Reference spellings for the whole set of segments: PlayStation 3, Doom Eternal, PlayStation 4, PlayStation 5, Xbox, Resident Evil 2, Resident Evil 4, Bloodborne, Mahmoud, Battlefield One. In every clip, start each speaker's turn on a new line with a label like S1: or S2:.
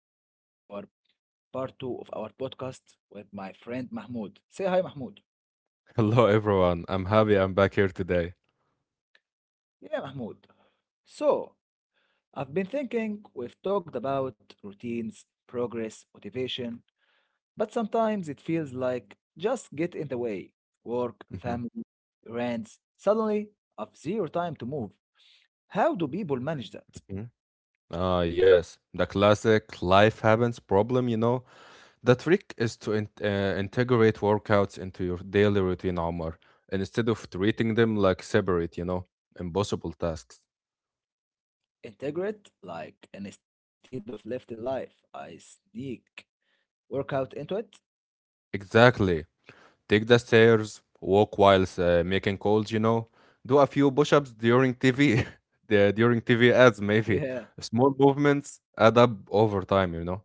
S1: back to our part two of our podcast with my friend Mahmoud. Say hi, Mahmoud.
S2: Hello, everyone. I'm happy I'm back here today.
S1: Yeah, Mahmoud. So, I've been thinking we've talked about routines, progress, motivation, but sometimes it feels like just get in the way work,
S2: Mhm.
S1: family, rents. Suddenly, I've zero time to move. How do people manage that?
S2: Ah, yes, the classic life happens problem, you know. The trick is to in integrate workouts into your daily routine, Omar, and instead of treating them like separate, you know, impossible tasks.
S1: Integrate, like, instead of left in life, I sneak workout into it.
S2: Exactly. Take the stairs, walk whilst making calls, you know. Do a few push-ups during TV, during TV ads, maybe.
S1: Yeah.
S2: Small movements add up over time, you know.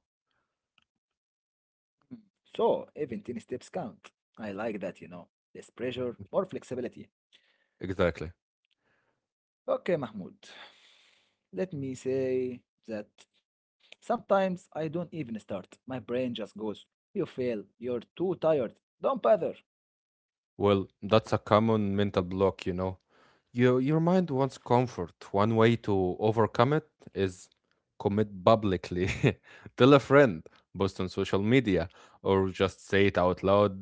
S1: Mm. So even ten steps count. I like that, you know. Less pressure, more flexibility.
S2: Exactly.
S1: Okay, Mahmoud. Let me say that sometimes I don't even start. My brain just goes, you fail. You're too tired. Don't bother.
S2: Well, that's a common mental block, you know. Your mind wants comfort. One way to overcome it is commit publicly. Tell a friend, post on social media, or just say it out loud.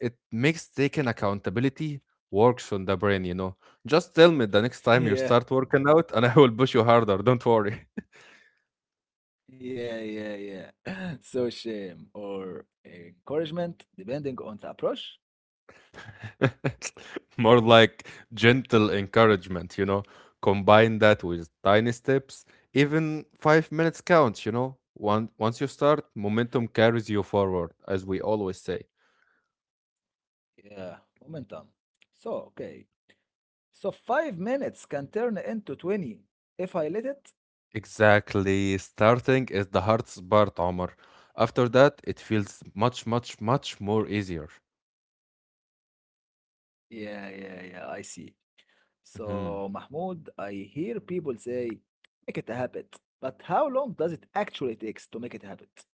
S2: It makes taking accountability works on the brain, you know. Just tell me the next time you start working out and I will push you harder, don't worry.
S1: Yeah, yeah, yeah, yeah. So shame or encouragement, depending on the approach.
S2: More like gentle encouragement, you know. Combine that with tiny steps. Even 5 minutes counts, you know. Once you start, momentum carries you forward, as we always say.
S1: Yeah, momentum. So, okay. So 5 minutes can turn into 20 if I let it.
S2: Exactly. Starting is the hardest part, Omar. After that, it feels much, much, much more easier.
S1: Yeah, yeah, yeah, I see.
S2: Mm-hmm.
S1: So, Mahmoud, I hear people say, make it a habit. But how long does it actually takes to make it a habit?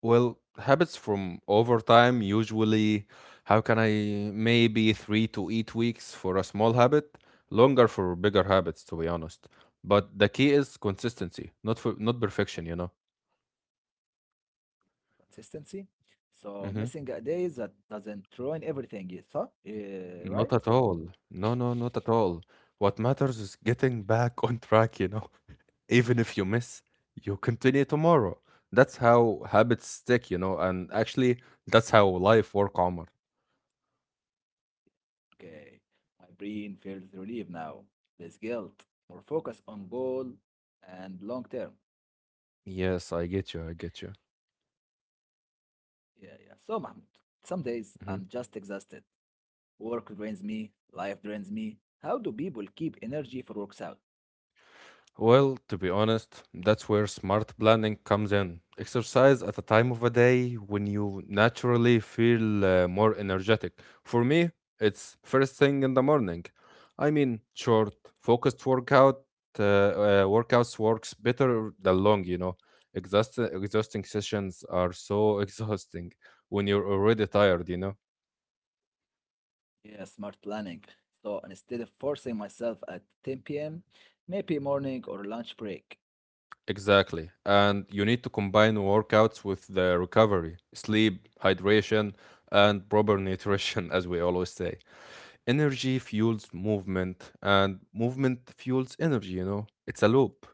S2: Well, habits from over time usually how can I maybe 3 to 8 weeks for a small habit, longer for bigger habits, to be honest. But the key is consistency, not perfection, you know.
S1: Consistency? So, missing
S2: Hmm
S1: a day that doesn't ruin everything, you thought? Yeah,
S2: Not
S1: right?
S2: at all. No, no, not at all. What matters is getting back on track, you know. Even if you miss, you continue tomorrow. That's how habits stick, you know, and actually that's how life work, Omar.
S1: Okay. My brain feels relieved now. Less guilt, more focus on goal and long term.
S2: Yes, I get you.
S1: Yeah, yeah. So, Mahmoud, some days I'm just exhausted. Work drains me, life drains me. How do people keep energy for works out?
S2: Well, to be honest, that's where smart planning comes in. Exercise at a time of a day when you naturally feel more energetic. For me, it's first thing in the morning. I mean, short, focused workouts works better than long, you know. Exhausting sessions are so exhausting when you're already tired, you know.
S1: Yeah, smart planning. So instead of forcing myself at 10 p.m., maybe morning or lunch break.
S2: Exactly. And you need to combine workouts with the recovery, sleep, hydration, and proper nutrition, as we always say. Energy fuels movement, and movement fuels energy, you know? It's a loop.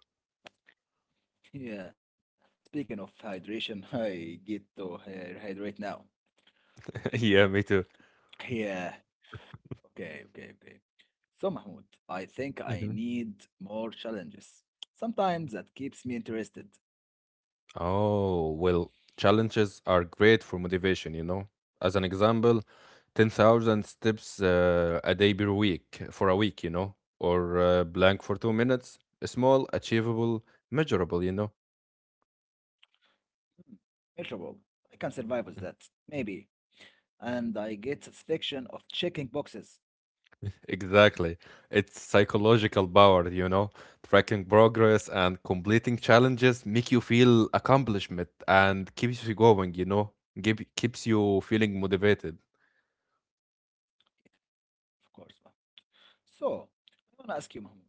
S1: Yeah, speaking of hydration, I get to hydrate now.
S2: Yeah, me too.
S1: Yeah, okay, okay, okay. So, Mahmoud, I think I
S2: Hmm
S1: need more challenges. Sometimes that keeps me interested.
S2: Oh, well, challenges are great for motivation, you know? As an example, 10,000 steps a day per week for a week, you know? Or blank for 2 minutes. Small, achievable, measurable, you know?
S1: Hmm, miserable. I can survive with that, maybe. And I get satisfaction of checking boxes.
S2: Exactly. It's psychological power, you know. Tracking progress and completing challenges make you feel accomplishment and keeps you going, you know. Keeps you feeling motivated.
S1: Yeah, of course. Mahmoud. So, I want to ask you, Mahmoud.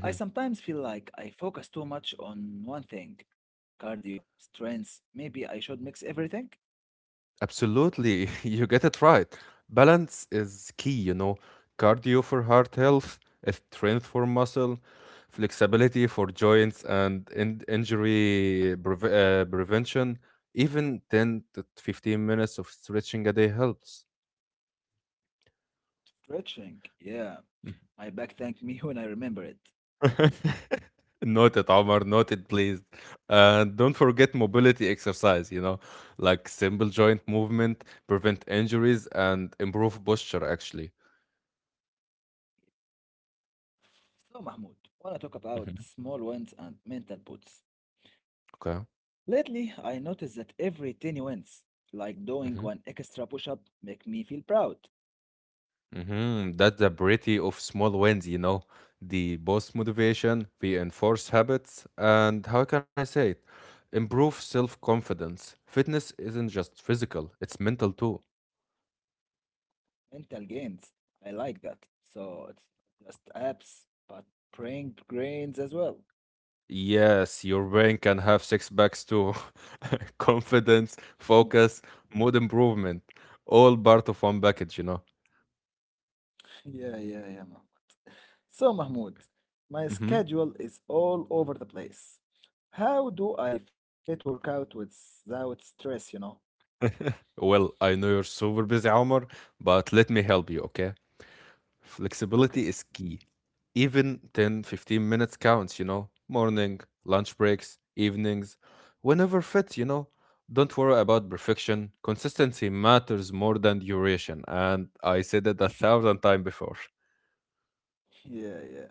S1: I sometimes feel like I focus too much on one thing cardio, strength. Maybe I should mix everything?
S2: Absolutely. You get it right. Balance is key, you know. Cardio for heart health, strength for muscle, flexibility for joints and in- injury preve prevention. Even 10 to 15 minutes of stretching a day helps.
S1: Stretching, yeah. My back thanked me when I remember it.
S2: Noted, Omar. Noted, please. And don't forget mobility exercise, you know, like simple joint movement, prevent injuries, and improve posture, actually.
S1: So, Mahmoud, wanna talk about
S2: Hmm
S1: small wins and mental boosts.
S2: Okay.
S1: Lately, I noticed that every tiny wins, like doing one
S2: hmm
S1: extra push-up, make me feel proud.
S2: hmm That's the beauty of small wins, you know. The boost motivation, reinforce habits, and how can I say it? Improve self confidence. Fitness isn't just physical, it's mental too.
S1: Mental gains, I like that. So it's not just abs, but brain grains as well.
S2: Yes, your brain can have six packs too. Confidence, focus, mood improvement, all part of one package, you know.
S1: Yeah, yeah, yeah, yeah. Mahmoud. So, Mahmoud, my
S2: Hmm
S1: schedule is all over the place. How do I fit workout without stress, you know?
S2: Well, I know you're super busy, Omar, but let me help you, okay?
S1: Okay.
S2: Flexibility is key. Even 10, 15 minutes counts, you know. Morning, lunch breaks, evenings, whenever fit, you know. Don't worry about perfection. Consistency matters more than duration, and I said it a thousand times before.
S1: Yeah, yeah.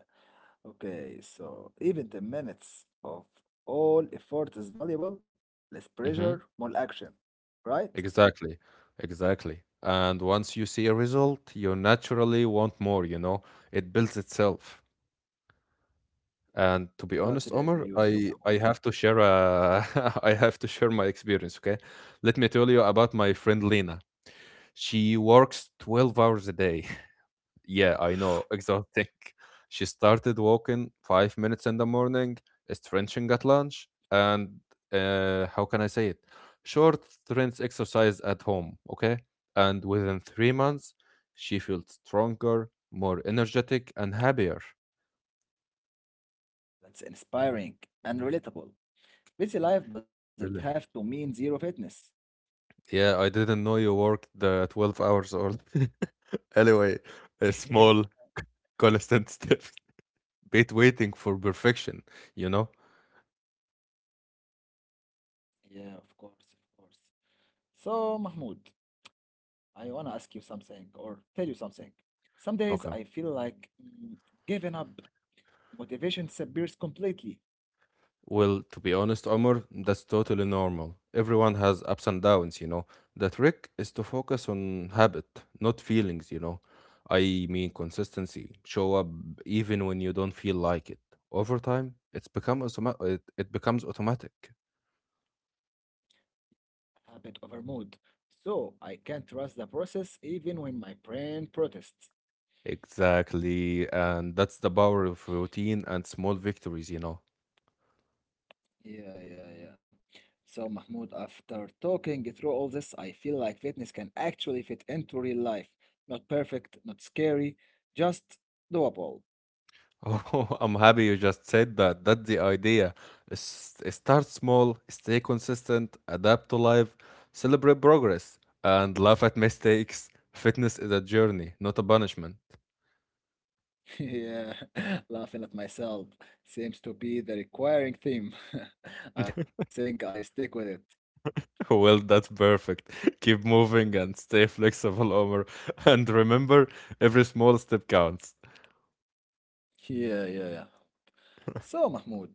S1: Okay, so even 10 minutes of all effort is valuable, less pressure, more action, right?
S2: Exactly, exactly. And once you see a result, you naturally want more, you know. It builds itself.
S1: Yeah.
S2: And to be honest,
S1: Totally
S2: Omar,
S1: agree with you,
S2: I
S1: Mahmoud.
S2: have to share I have to share my experience, okay? Let me tell you about my friend Lena. She works 12 hours a day. Yeah, I know, exhausting. She started walking 5 minutes in the morning, stretching at lunch, and how can I say it? short strength exercise at home, okay? And within 3 months, she felt stronger, more energetic, and happier.
S1: That's inspiring and relatable. Busy life doesn't have
S2: Really?
S1: to mean zero fitness.
S2: Yeah, I didn't know you worked the 12 hours or anyway, a
S1: Yeah.
S2: small constant step. Bit waiting for perfection, you know?
S1: Yeah, of course, of course. So, Mahmoud, I wanna ask you something or tell you something. Some days
S2: Okay.
S1: I feel like giving up. Motivation disappears completely,
S2: Well, to be honest, Omar, that's totally normal. Everyone has ups and downs, you know. The trick is to focus on habit, not feelings, you know. I mean, consistency. Show up even when you don't feel like it. Over time, it becomes automatic.
S1: habit over mood. So I can't trust the process even when my brain protests.
S2: Exactly. And that's the power of routine and small victories, you know.
S1: Yeah, yeah, yeah. So, Mahmoud, after talking through all this, I feel like fitness can actually fit into real life. Not perfect, not scary, just doable.
S2: Oh, I'm happy you just said that. That's the idea. Start small, stay consistent, adapt to life, celebrate progress, and laugh at mistakes. Fitness is a journey, not a punishment.
S1: Yeah, laughing at myself seems to be the requiring theme. I think I stick with it.
S2: Well, that's perfect. Keep moving and stay flexible, Omar. And remember, every small step counts.
S1: Yeah, yeah, yeah. So, Mahmoud,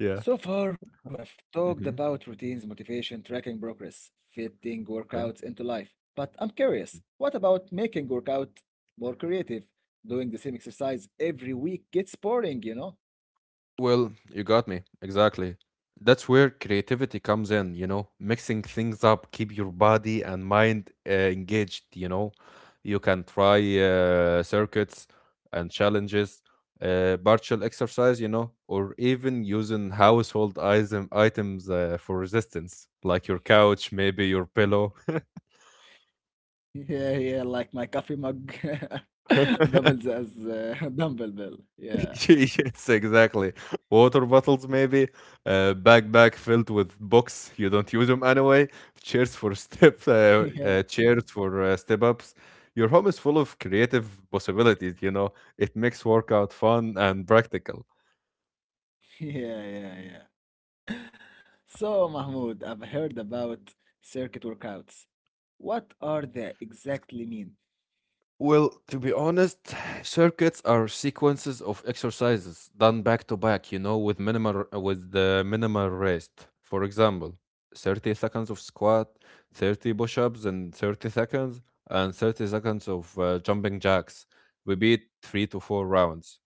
S2: Yeah.
S1: so far we've talked
S2: hmm
S1: about routines, motivation, tracking progress, fitting workouts into life. But I'm curious, what about making workout more creative? Doing the same exercise every week gets boring, you know?
S2: Well, you got me. Exactly. That's where creativity comes in, you know, mixing things up, keep your body and mind engaged, you know. You can try circuits and challenges, partial exercise, you know, or even using household item items for resistance, like your couch, maybe your pillow.
S1: Yeah, yeah, like my coffee mug. Doubles as a dumbbell. Yeah,
S2: Yes, exactly. Water bottles, maybe. Backpack filled with books. You don't use them anyway. Chairs for step.
S1: yeah.
S2: Chairs for step ups. Your home is full of creative possibilities. You know, it makes workout fun and practical.
S1: Yeah, yeah, yeah. So, Mahmoud, I've heard about circuit workouts. What are they exactly mean?
S2: Well, to be honest, circuits are sequences of exercises done back to back, you know, with the minimal rest. For example, 30 seconds of squat, 30 push-ups and 30 seconds of jumping jacks. We beat 3 to 4 rounds.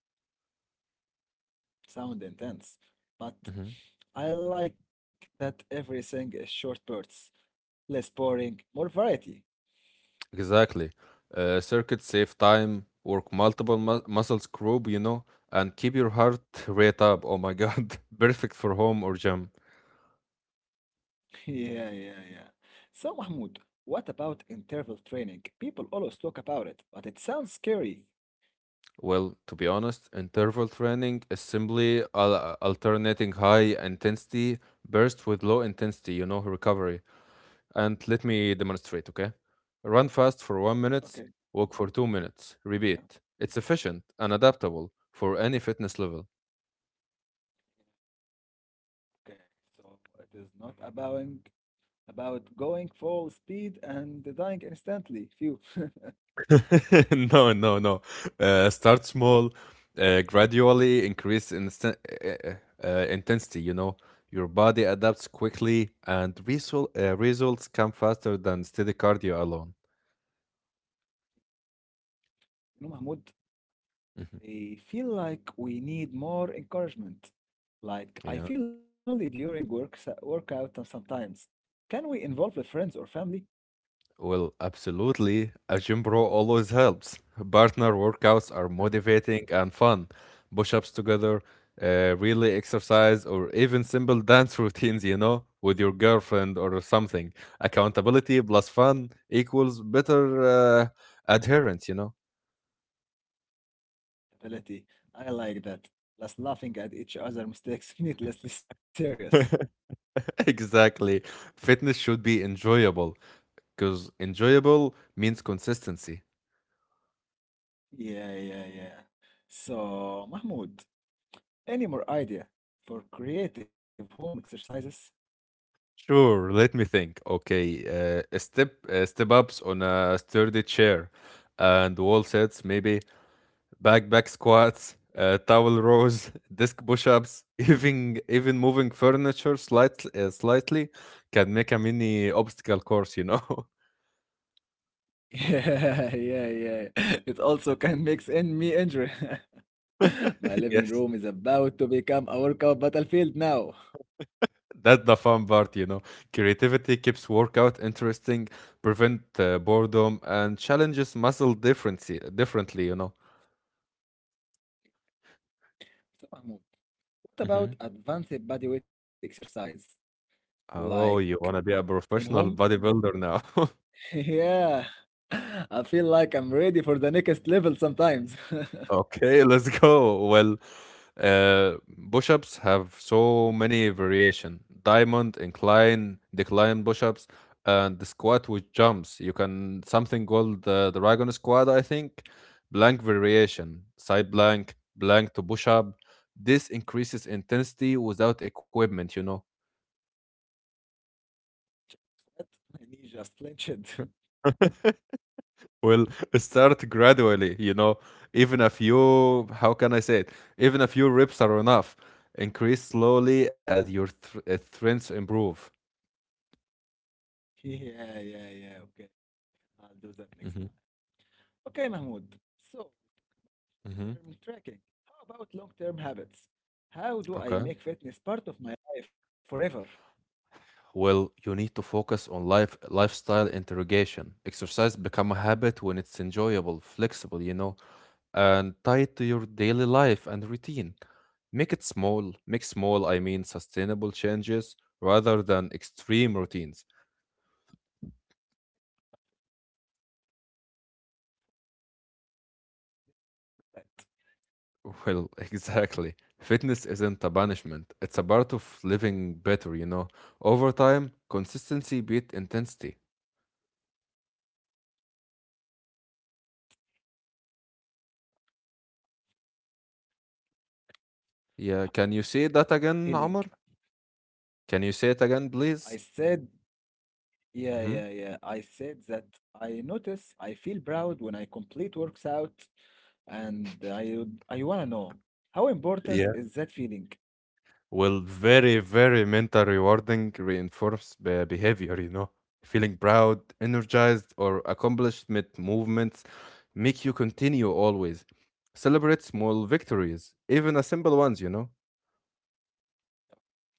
S1: Sound intense,
S2: Mhm.
S1: but I like that everything is short bursts, less boring, more variety.
S2: Exactly. Circuits save time, work muscles group, you know, and keep your heart rate up. Oh my God. Perfect for home or gym.
S1: Yeah, yeah, yeah. So, Mahmoud, what about interval training? People always talk about it, but it sounds scary.
S2: Well, to be honest, interval training is simply alternating high intensity burst with low intensity, you know, recovery. And let me demonstrate, okay? Run fast for 1 minute,
S1: Okay,
S2: walk for 2 minutes,
S1: yeah,
S2: repeat. It's efficient and adaptable for any fitness level.
S1: okay. So it is not about going full speed and dying instantly. Phew.
S2: No, no, no. Start small, gradually increase intensity, you know. Your body adapts quickly and results come faster than steady cardio alone.
S1: You know, Mahmoud,
S2: Mhm.
S1: I feel like we need more encouragement. Like, I
S2: Yeah.
S1: feel lonely during workout and sometimes. Can we involve the friends or family?
S2: Well, absolutely. A gym bro always helps. Partner workouts are
S1: Yeah.
S2: motivating and fun. Push ups together, relay exercise, or even simple dance routines, you know, with your girlfriend or something. Accountability plus fun equals better adherence, you know?
S1: Ability. I like that. Plus, laughing at each other mistakes needlessly serious.
S2: Exactly. Fitness should be enjoyable because enjoyable means consistency.
S1: Yeah, yeah, yeah. So, Mahmoud, any more idea for creative home exercises?
S2: Sure, let me think. Okay, step ups on a sturdy chair and wall sets, maybe back squats, towel rows, disc push-ups, even moving furniture slightly can make a mini obstacle course, you know.
S1: Yeah, yeah, yeah. It also can mix in me injury. My living
S2: Yes,
S1: room is about to become a workout battlefield now.
S2: that's the fun part, you know. Creativity keeps workout interesting, prevent boredom, and challenges muscle differently, you know.
S1: So, Mahmoud, what
S2: Mm-hmm.
S1: about advanced bodyweight exercise? Like
S2: Oh, you wanna be a
S1: in home?
S2: professional bodybuilder now.
S1: Yeah. I feel like I'm ready for the next level sometimes. What?
S2: Okay, let's go. Well, uh, push-ups have so many variation. Diamond, incline, decline push-ups, and the squat with jumps. You can something called the dragon squat, I think. Blank variation, side blank, blank to push-up. This increases intensity without equipment, you know.
S1: My knee just clenched.
S2: Will start gradually, you know, even a few, how can I say it? even a few reps are enough. Increase slowly as your strengths improve.
S1: Yeah, yeah, yeah. Okay. I'll do that next time.
S2: Hmm
S1: Okay, Mahmoud. So,
S2: hmm
S1: term tracking. How about long term habits? How do I
S2: Okay.
S1: make fitness part of my life forever?
S2: Well, you need to focus on lifestyle interrogation. Exercise become a habit when it's enjoyable, flexible, you know, and tied to your daily life and routine. Make it small. Make small, I mean, sustainable changes rather than extreme routines.
S1: That
S2: Well, exactly. Fitness isn't a punishment. It's a part of living better, you know. Over time, consistency beat intensity. Yeah, can you say that again,
S1: feeling.
S2: Amr? Can you say it again,
S1: I
S2: please?
S1: said, yeah, yeah,
S2: Hmm
S1: yeah. I said that I notice I feel proud when I complete works out, and I wanna know how important
S2: Yeah.
S1: is that feeling?
S2: Well, very, very mental rewarding reinforce behavior, you know. Feeling proud, energized, or accomplishment movements make you continue always. Celebrate small victories, even a simple ones, you know.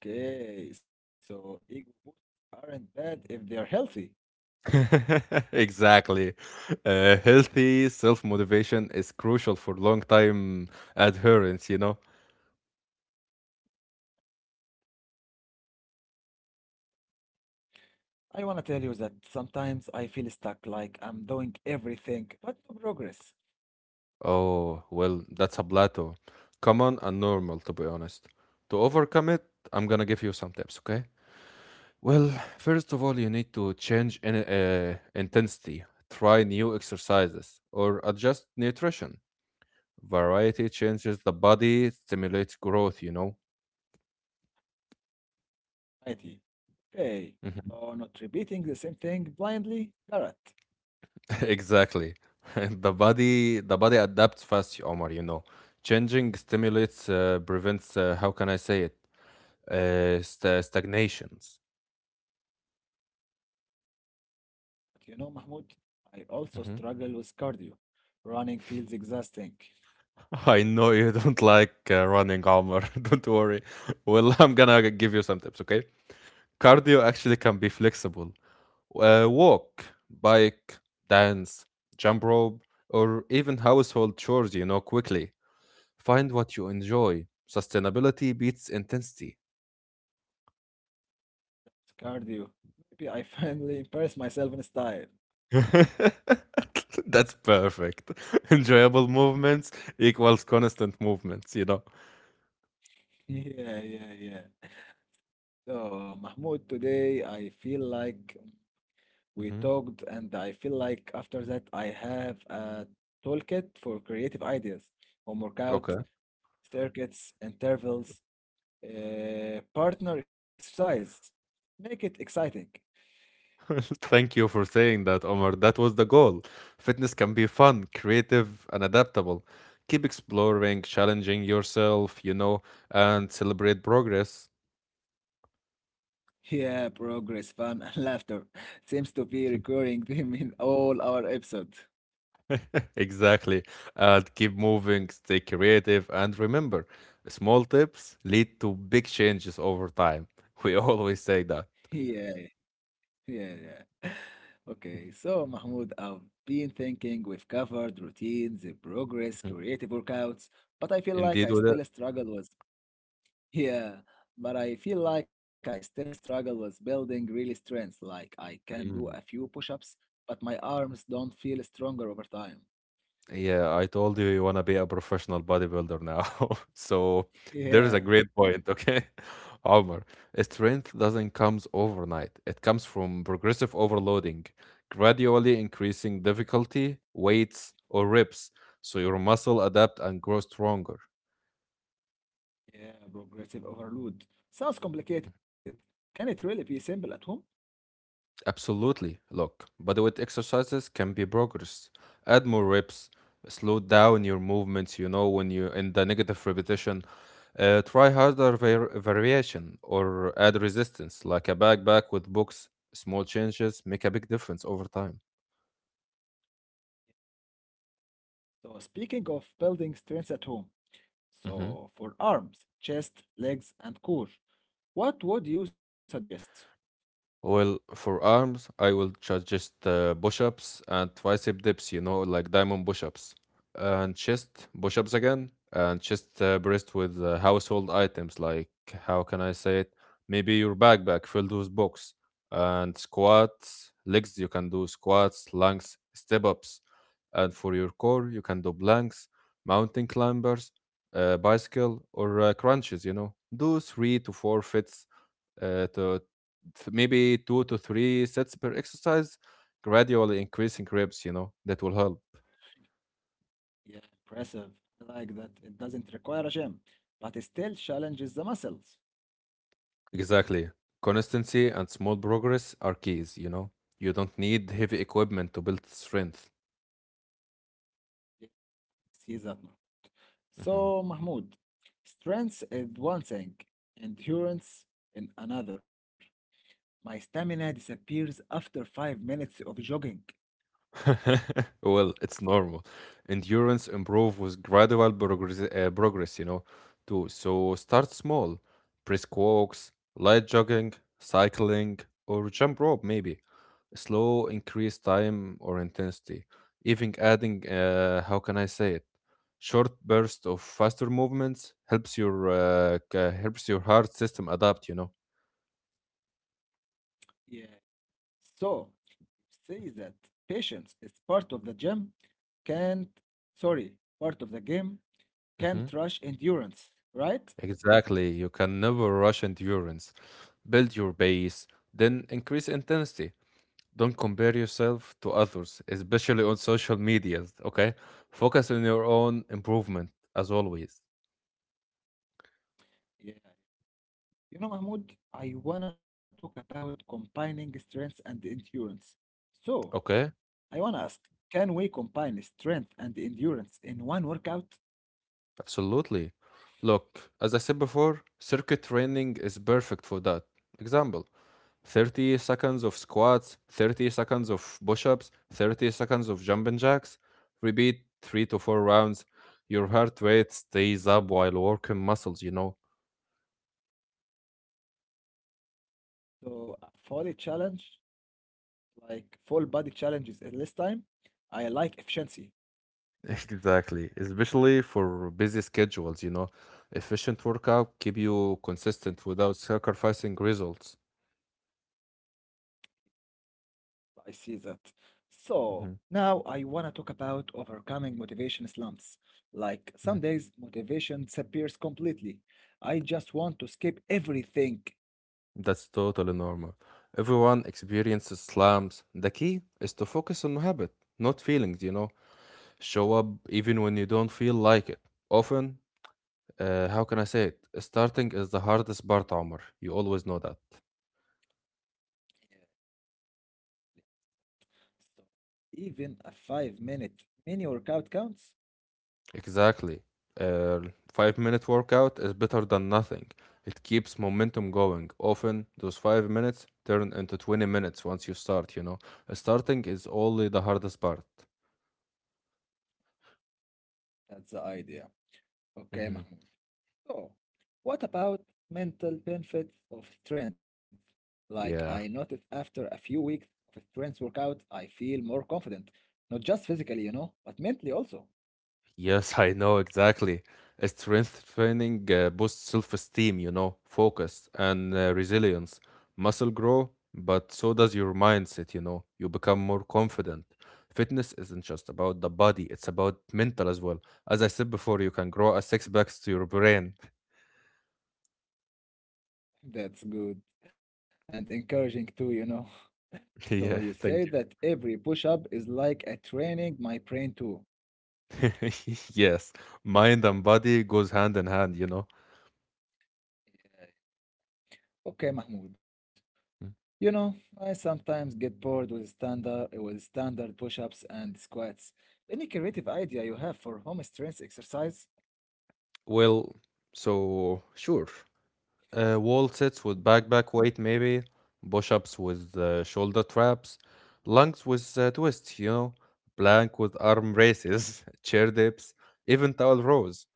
S1: Okay, so ego boosts aren't bad if they are healthy.
S2: Exactly. Healthy self motivation is crucial for long time adherence, you know?
S1: I wanna tell you that sometimes I feel stuck, like I'm doing everything but no progress.
S2: Oh, well, that's a plateau. Common and normal, to be honest. To overcome it, I'm gonna give you some tips, okay? Well, first of all, you need to change intensity, try new exercises, or adjust nutrition. Variety changes the body, stimulates growth, you know?
S1: Mighty. Okay,
S2: Mm-hmm.
S1: so not repeating the same thing blindly, Garrett.
S2: Exactly. The body adapts fast, Omar, you know. Changing stimulates prevents how can I say it? St- stagnations.
S1: But you know, Mahmoud, I also
S2: Mhm.
S1: struggle with cardio. Running feels exhausting. It's
S2: I know you don't like running, Omar. Don't worry. Well, I'm gonna give you some tips, okay? Cardio actually can be flexible. Walk, bike, dance, jump rope, or even household chores, you know, quickly. Find what you enjoy. Sustainability beats intensity.
S1: cardio. Maybe I finally impress myself in style.
S2: That's perfect. Enjoyable movements equals constant movements.
S1: Yeah, yeah, yeah. So, Mahmoud, today I feel like we
S2: Mhm.
S1: talked, and I feel like after that I have a toolkit for creative ideas, homework out,
S2: Okay.
S1: circuits, intervals. Partner exercise. Make it exciting.
S2: Thank you for saying that, Omar. That was the goal. Fitness can be fun, creative, and adaptable. Keep exploring, challenging yourself, and celebrate progress.
S1: Yeah, progress, fun, and laughter seems to be recurring theme in all our episodes.
S2: Exactly. And keep moving, stay creative, and remember, small tips lead to big changes over time. We always say that.
S1: Yeah, yeah, yeah. Okay, so Mahmoud, I've been thinking we've covered routines, progress,
S2: Mhm.
S1: creative workouts, but I feel like
S2: Indeed,
S1: I
S2: with it.
S1: still struggle with, yeah, but I feel like I still struggle with building real strength. Like I can do a few
S2: Mm.
S1: push-ups, but my arms don't feel stronger over time.
S2: Yeah, I told you you want to be a professional bodybuilder now. So there's
S1: Yeah,
S2: a great point, okay? Omar, strength doesn't comes overnight. It comes from progressive overloading, gradually increasing difficulty, weights, or reps, so your muscle adapt and grow stronger.
S1: yeah, progressive overload. Sounds complicated. Can it really be simple at home?
S2: Absolutely. Look, bodyweight exercises can be progress. Add more reps, slow down your movements, when you in the negative repetition. Try harder variation or add resistance, like a backpack with books. Small changes make a big difference over time.
S1: So, speaking of building strengths at home, so for arms, chest, legs, and core, what would you suggest?
S2: Well, for arms, I will suggest push-ups and tricep dips, like diamond push-ups. And chest push-ups again, and chest breast with household items like, how can I say it? Maybe your backpack filled with books. And squats, legs, you can do squats, lunges, step-ups. And for your core, you can do planks, mountain climbers, bicycle, or crunches. Do three to four fits uh, to maybe two to three sets per exercise, gradually increasing reps, that will help.
S1: Yeah, impressive. I like that it doesn't require a gym, but it still challenges the muscles.
S2: Exactly. Consistency and small progress are keys, you know. You don't need heavy equipment to build strength.
S1: Yeah, see that. Now.
S2: Mhm.
S1: So, Mahmoud, strength is one thing, endurance in another. My stamina disappears after 5 minutes of jogging.
S2: Well, it's normal. Endurance improve with gradual progress, too. So start small. Brisk walks, light jogging, cycling, or jump rope maybe. Slow increased time or intensity, even adding, how can I say it, short burst of faster movements helps your helps your heart system adapt.
S1: Yeah. So you say that patience is part of the gym, can't, sorry, part of the game,
S2: Hmm
S1: can't rush endurance, right?
S2: exactly. You can never rush endurance. Build your base, then increase intensity. Don't compare yourself to others, especially on social media. Okay, focus on your own improvement as always.
S1: Yeah. You know, Mahmoud, I wanna talk about combining strength and endurance. So
S2: Okay.
S1: I wanna ask, can we combine strength and endurance in one workout?
S2: Absolutely. Look, as I said before, circuit training is perfect for that. Example, 30 seconds of squats, 30 seconds of push ups, 30 seconds of jumping jacks. Repeat 3 to 4 rounds. Your heart rate stays up while working muscles.
S1: So a full challenge, like full body challenges in less time. I like efficiency.
S2: Exactly. Especially for busy schedules. Efficient workout keep you consistent without sacrificing results.
S1: I see that. So
S2: Mhm.
S1: now I want to talk about overcoming motivation slumps. Like some days, motivation disappears completely. I just want to skip everything.
S2: That's totally normal. Everyone experiences slumps. The key is to focus on habit, not feelings. Show up even when you don't feel like it. Often, how can I say it? Starting is the hardest part, Omar. You always know that.
S1: Yeah, so even a 5 minute mini workout counts?
S2: Exactly. Uh, 5 minute workout is better than nothing. It keeps momentum going. Often, those 5 minutes turn into 20 minutes once you start. Starting is only the hardest part.
S1: That's the idea. Okay,
S2: hmm
S1: Mahmoud. So, what about mental benefits of strength? Like I
S2: Yeah.
S1: noticed after a few weeks of a strength workout, I feel more confident. Not just physically, you know, but mentally also.
S2: Yes, I know exactly. Strength training boosts self esteem, focus and resilience. Muscle grow, but so does your mindset, you know. You become more confident. Fitness isn't just about the body, it's about mental as well. As I said before, you can grow a six packs to your brain.
S1: That's good and encouraging too, you know. So you
S2: Yeah,
S1: say
S2: thank
S1: that every push up is like a training my brain too.
S2: you. Yes, mind and body goes hand in hand.
S1: Yeah. Okay, Mahmoud. You know, I sometimes get bored with standard push-ups and squats. Any creative idea you have for home strength exercise
S2: Well, so sure. Wall sits with back back weight maybe, push-ups with shoulder traps, lunges with twists, plank with arm raises, chair dips, even towel rows.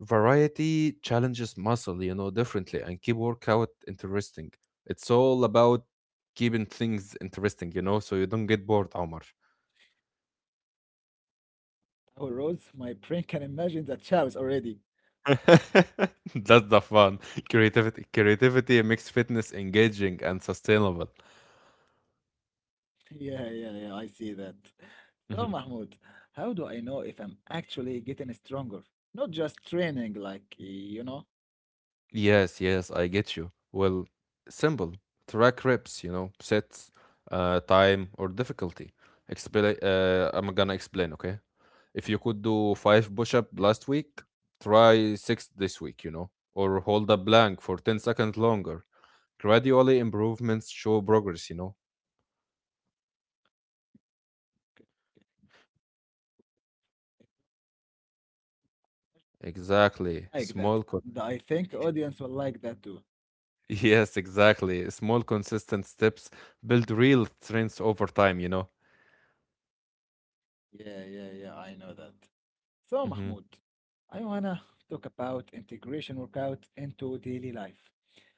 S2: Variety challenges muscle, differently and keep workout interesting. It's all about keeping things interesting, so you don't get bored, Omar.
S1: or rows? My brain can imagine the chows already.
S2: That's the fun. Creativity makes fitness engaging and sustainable.
S1: Yeah, yeah, yeah, I see that. So, Mahmoud, how do I know if I'm actually getting stronger? Not just training, like, you know?
S2: Yes, yes, I get you. Well, simple. Track reps, sets, time, or difficulty. Expla I'm gonna explain, okay? If you could do five push-up
S1: Okay.
S2: last week, try six this week, or hold a blank for 10 seconds longer. Gradually, improvements show progress. Exactly.
S1: Like
S2: Small con
S1: that. And I think audience will like that too.
S2: Yes, exactly. Small, consistent steps build real strengths over time.
S1: Yeah, yeah, yeah, I know that.
S2: Mm-hmm.
S1: So, Mahmoud, I wanna talk about integration workout into daily life.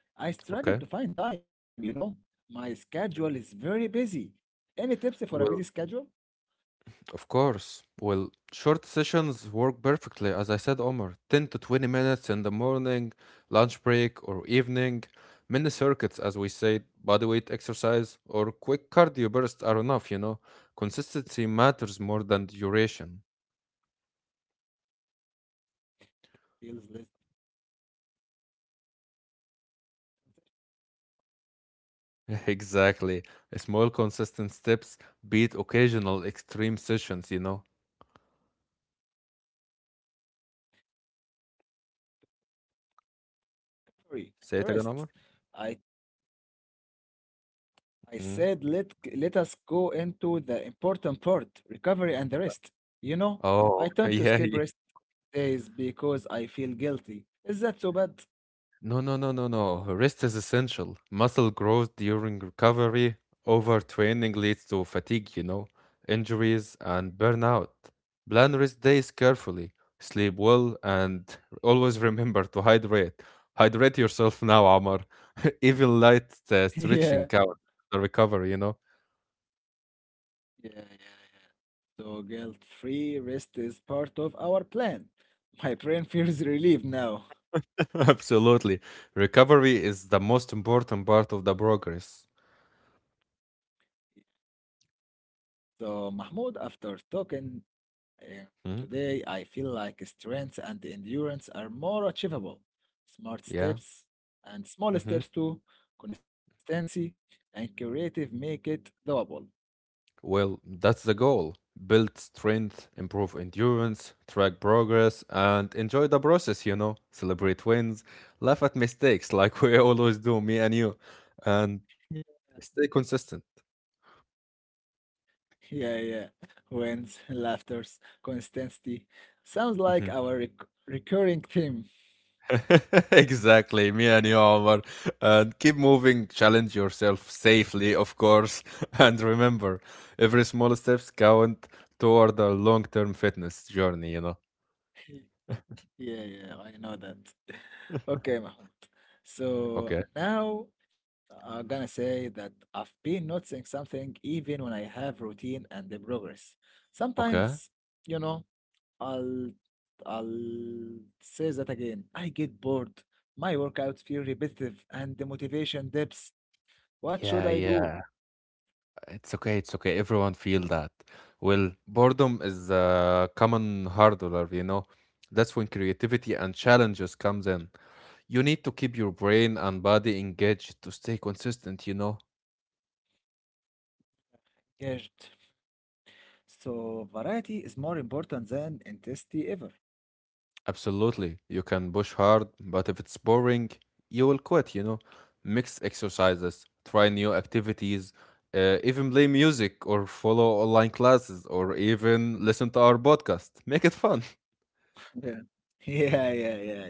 S1: I
S2: Okay.
S1: struggle to find time, you know. My schedule is very busy. Any tips for a
S2: Well.
S1: busy schedule?
S2: Of course. Well, short sessions work perfectly, as I said, Omar. 10 to 20 minutes in the morning, lunch break, or evening. Mini circuits, as we say, bodyweight exercise, or quick cardio bursts are enough. Consistency matters more than duration.
S1: Feels less
S2: Exactly. Small, consistent steps beat occasional extreme sessions. Say it
S1: free.
S2: again,
S1: And the
S2: Omar.
S1: rest. I I
S2: Hmm?
S1: said let us go into the important part, recovery and the rest. You know,
S2: Oh,
S1: I tend to
S2: yeah,
S1: skip
S2: yeah.
S1: rest days because I feel guilty. Is that so bad?
S2: No, no, no, no, no. Rest is essential. Muscle growth during recovery. Overtraining leads to fatigue, injuries and burnout. Plan rest days carefully. Sleep well and always remember to hydrate. Hydrate yourself now, Amar. Even light
S1: Yeah,
S2: stretching counts the recovery.
S1: yeah, yeah, yeah. So guilt-free rest is part of our plan. My brain feels relieved now.
S2: Absolutely. Recovery is the most important part of the progress.
S1: So Mahmoud, after talking uh,
S2: Mhm.
S1: today, I feel like strength and endurance are more achievable. Smart
S2: Yeah.
S1: steps and small
S2: Mhm.
S1: steps too, consistency and creative make it doable.
S2: Well, that's the goal. Build strength, improve endurance, track progress, and enjoy the process. Celebrate wins, laugh at mistakes like we always do, me and you, and stay consistent.
S1: Yeah, yeah. Wins, laughters, consistency. Sounds like
S2: Mhm.
S1: our recurring theme.
S2: Exactly, me and you, Omar. And keep moving, challenge yourself safely, of course. And remember, every small steps count toward a long term fitness journey.
S1: Yeah, yeah, I know that. Okay, Mahmoud. So
S2: Okay.
S1: now I'm gonna say that I've been noticing something even when I have routine and the progress.
S2: Okay.
S1: Sometimes, you know, I'll I'll say that again. I get bored. My workouts feel repetitive and the motivation dips. What should I
S2: Yeah,
S1: do?
S2: yeah. It's okay, it's okay. Everyone feel that. Well, boredom is a common hurdler. That's when creativity and challenges comes in. You need to keep your brain and body engaged to stay consistent.
S1: Engaged. So variety is more important than intensity ever.
S2: Absolutely. You can push hard, but if it's boring, you will quit. Mix exercises, try new activities, even play music or follow online classes or even listen to our podcast. Make it fun.
S1: Yeah. Yeah, yeah, yeah,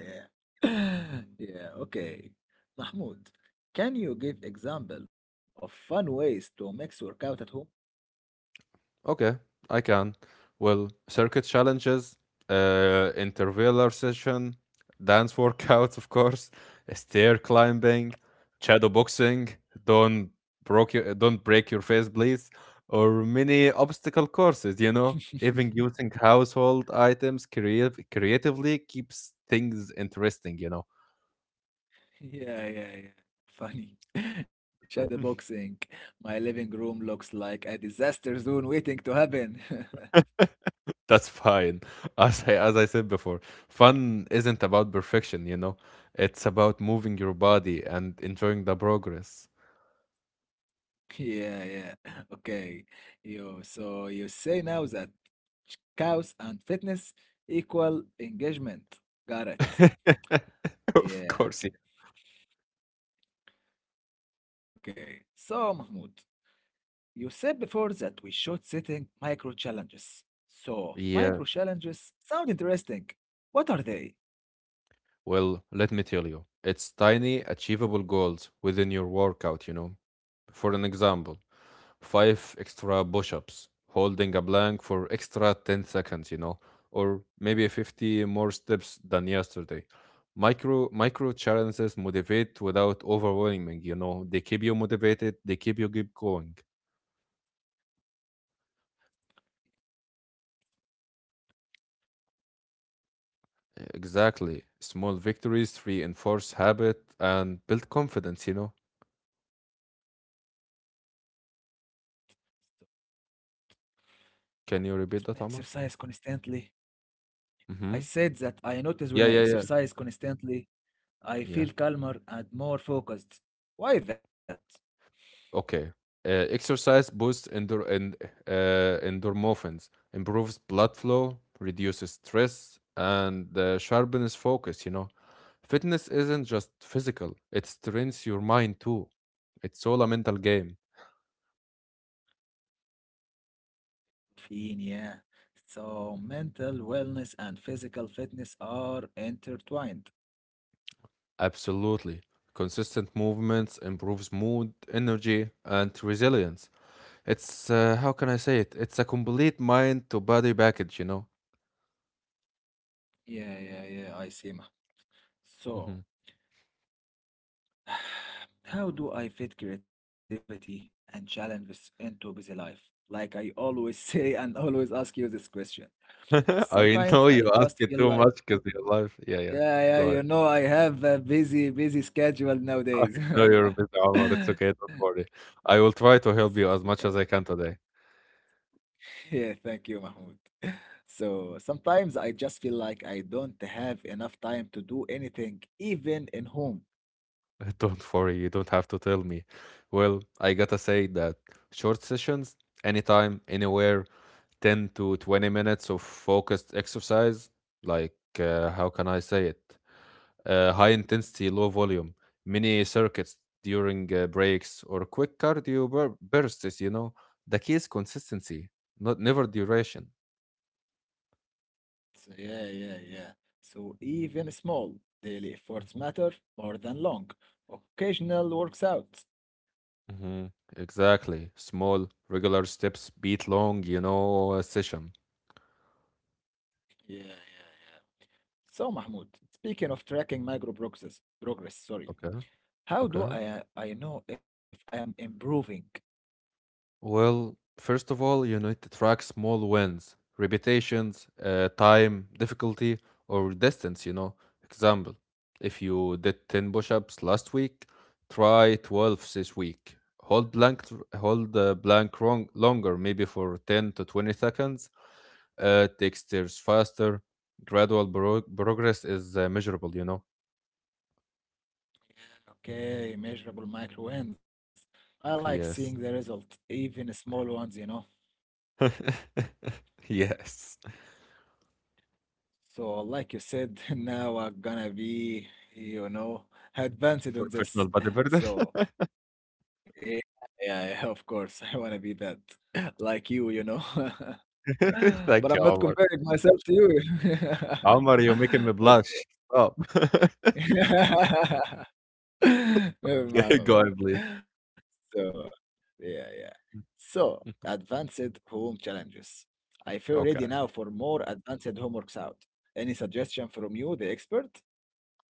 S1: yeah. Yeah, okay. Mahmoud, can you give example of fun ways to mix workout at home?
S2: Okay, I can. Well, circuit challenges, intervaler session, dance workouts, of course, stair climbing, shadow boxing. Don't don't break your face, please. Or mini obstacle courses. You know, even using household items creatively keeps things interesting. You know.
S1: Yeah, yeah, yeah. Funny. Shadow boxing. My living room looks like a disaster zone waiting to happen.
S2: That's fine. As I said before, fun isn't about perfection, you know? It's about moving your body and enjoying the progress.
S1: Yeah, yeah. Okay. You so you say now that cows and fitness equal engagement. Got it.
S2: Of
S1: Yeah.
S2: course.
S1: Okay. So Mahmoud, you said before that we should setting micro challenges. So, micro
S2: Yeah.
S1: challenges sound interesting. What are they?
S2: Well, let me tell you, it's tiny, achievable goals within your workout. For an example, five extra push ups, holding a plank for extra 10 seconds, you know, or maybe 50 more steps than yesterday. Micro challenges motivate without overwhelming, you know, they keep you motivated, they keep you keep going. Exactly. Small victories reinforce habit and build confidence, you know. Can you
S1: Notice when I
S2: repeat that, Amar?
S1: exercise constantly. I
S2: Mm-hmm.
S1: said that I notice when
S2: Yeah,
S1: I
S2: yeah, yeah.
S1: exercise constantly, I
S2: Yeah.
S1: feel calmer and more focused. Why is that?
S2: Okay. Exercise boosts endorphins, improves blood flow, reduces stress, and sharpens focus. You know, fitness isn't just physical; it trains your mind too. It's all a mental game.
S1: Caffeine, yeah. So,
S2: Mhm.
S1: mental wellness and physical fitness are intertwined.
S2: Absolutely. Consistent movements improves mood, energy, and resilience. It's how can I say it? It's a complete mind to body package.
S1: Yeah, yeah, yeah, I see. Ma. So,
S2: Mhm.
S1: how do I fit creativity and challenges into busy life? Like I always say and always ask you this question. Sometimes
S2: I
S1: I
S2: know you
S1: just
S2: ask
S1: feel
S2: it too
S1: like,
S2: much because your life. Yeah, yeah.
S1: yeah, yeah,
S2: Go ahead.
S1: I have a busy schedule
S2: I
S1: nowadays.
S2: know you're a bit Omar. It's okay. Don't worry. I will try to help you as
S1: So,
S2: much as I can today.
S1: yeah, thank you, Mahmoud. So sometimes I just feel like I don't have enough time to do anything, even in home.
S2: Don't worry. You don't have to tell me. Well, I gotta say that short sessions, anytime, anywhere, 10 to 20 minutes of focused exercise, like, how can I say it? High intensity, low volume, mini circuits during breaks, or quick bursts. You know, the key is consistency, not never duration.
S1: So yeah, yeah, yeah. So even small daily efforts
S2: Mhm.
S1: matter more than long, occasional works out.
S2: hmm Exactly. Small, regular steps beat long, you know, session.
S1: Yeah, yeah, yeah. So Mahmoud, speaking of tracking micro progress, progress, sorry.
S2: Okay.
S1: How do
S2: Okay.
S1: I know if I am improving?
S2: Well, first of all, you need to track small wins, repetitions, time, difficulty, or distance, you know. Example, if you did 10 push-ups last week, try 12 this week. Hold the blank wrong, longer, maybe for 10 to 20 seconds. Take stairs faster. Progress is measurable, you know.
S1: Okay, measurable micro wins. I like seeing the
S2: Yes.
S1: result, even small ones.
S2: Yes.
S1: So like you said, now I'm gonna be, you know, advanced on
S2: Professional
S1: this.
S2: bodybuilder.
S1: So yeah, yeah, yeah, of course. I want to be that like you know. But I'm
S2: Thank you,
S1: not
S2: Omar.
S1: comparing myself to you.
S2: Omar, you're making me
S1: Okay.
S2: blush. Stop.
S1: Never mind,
S2: Okay, go
S1: Mahmoud.
S2: ahead, please.
S1: So, yeah, yeah. So, advanced home challenges. I feel ready now
S2: Okay.
S1: for more advanced homeworks out. Any suggestion from you, the expert?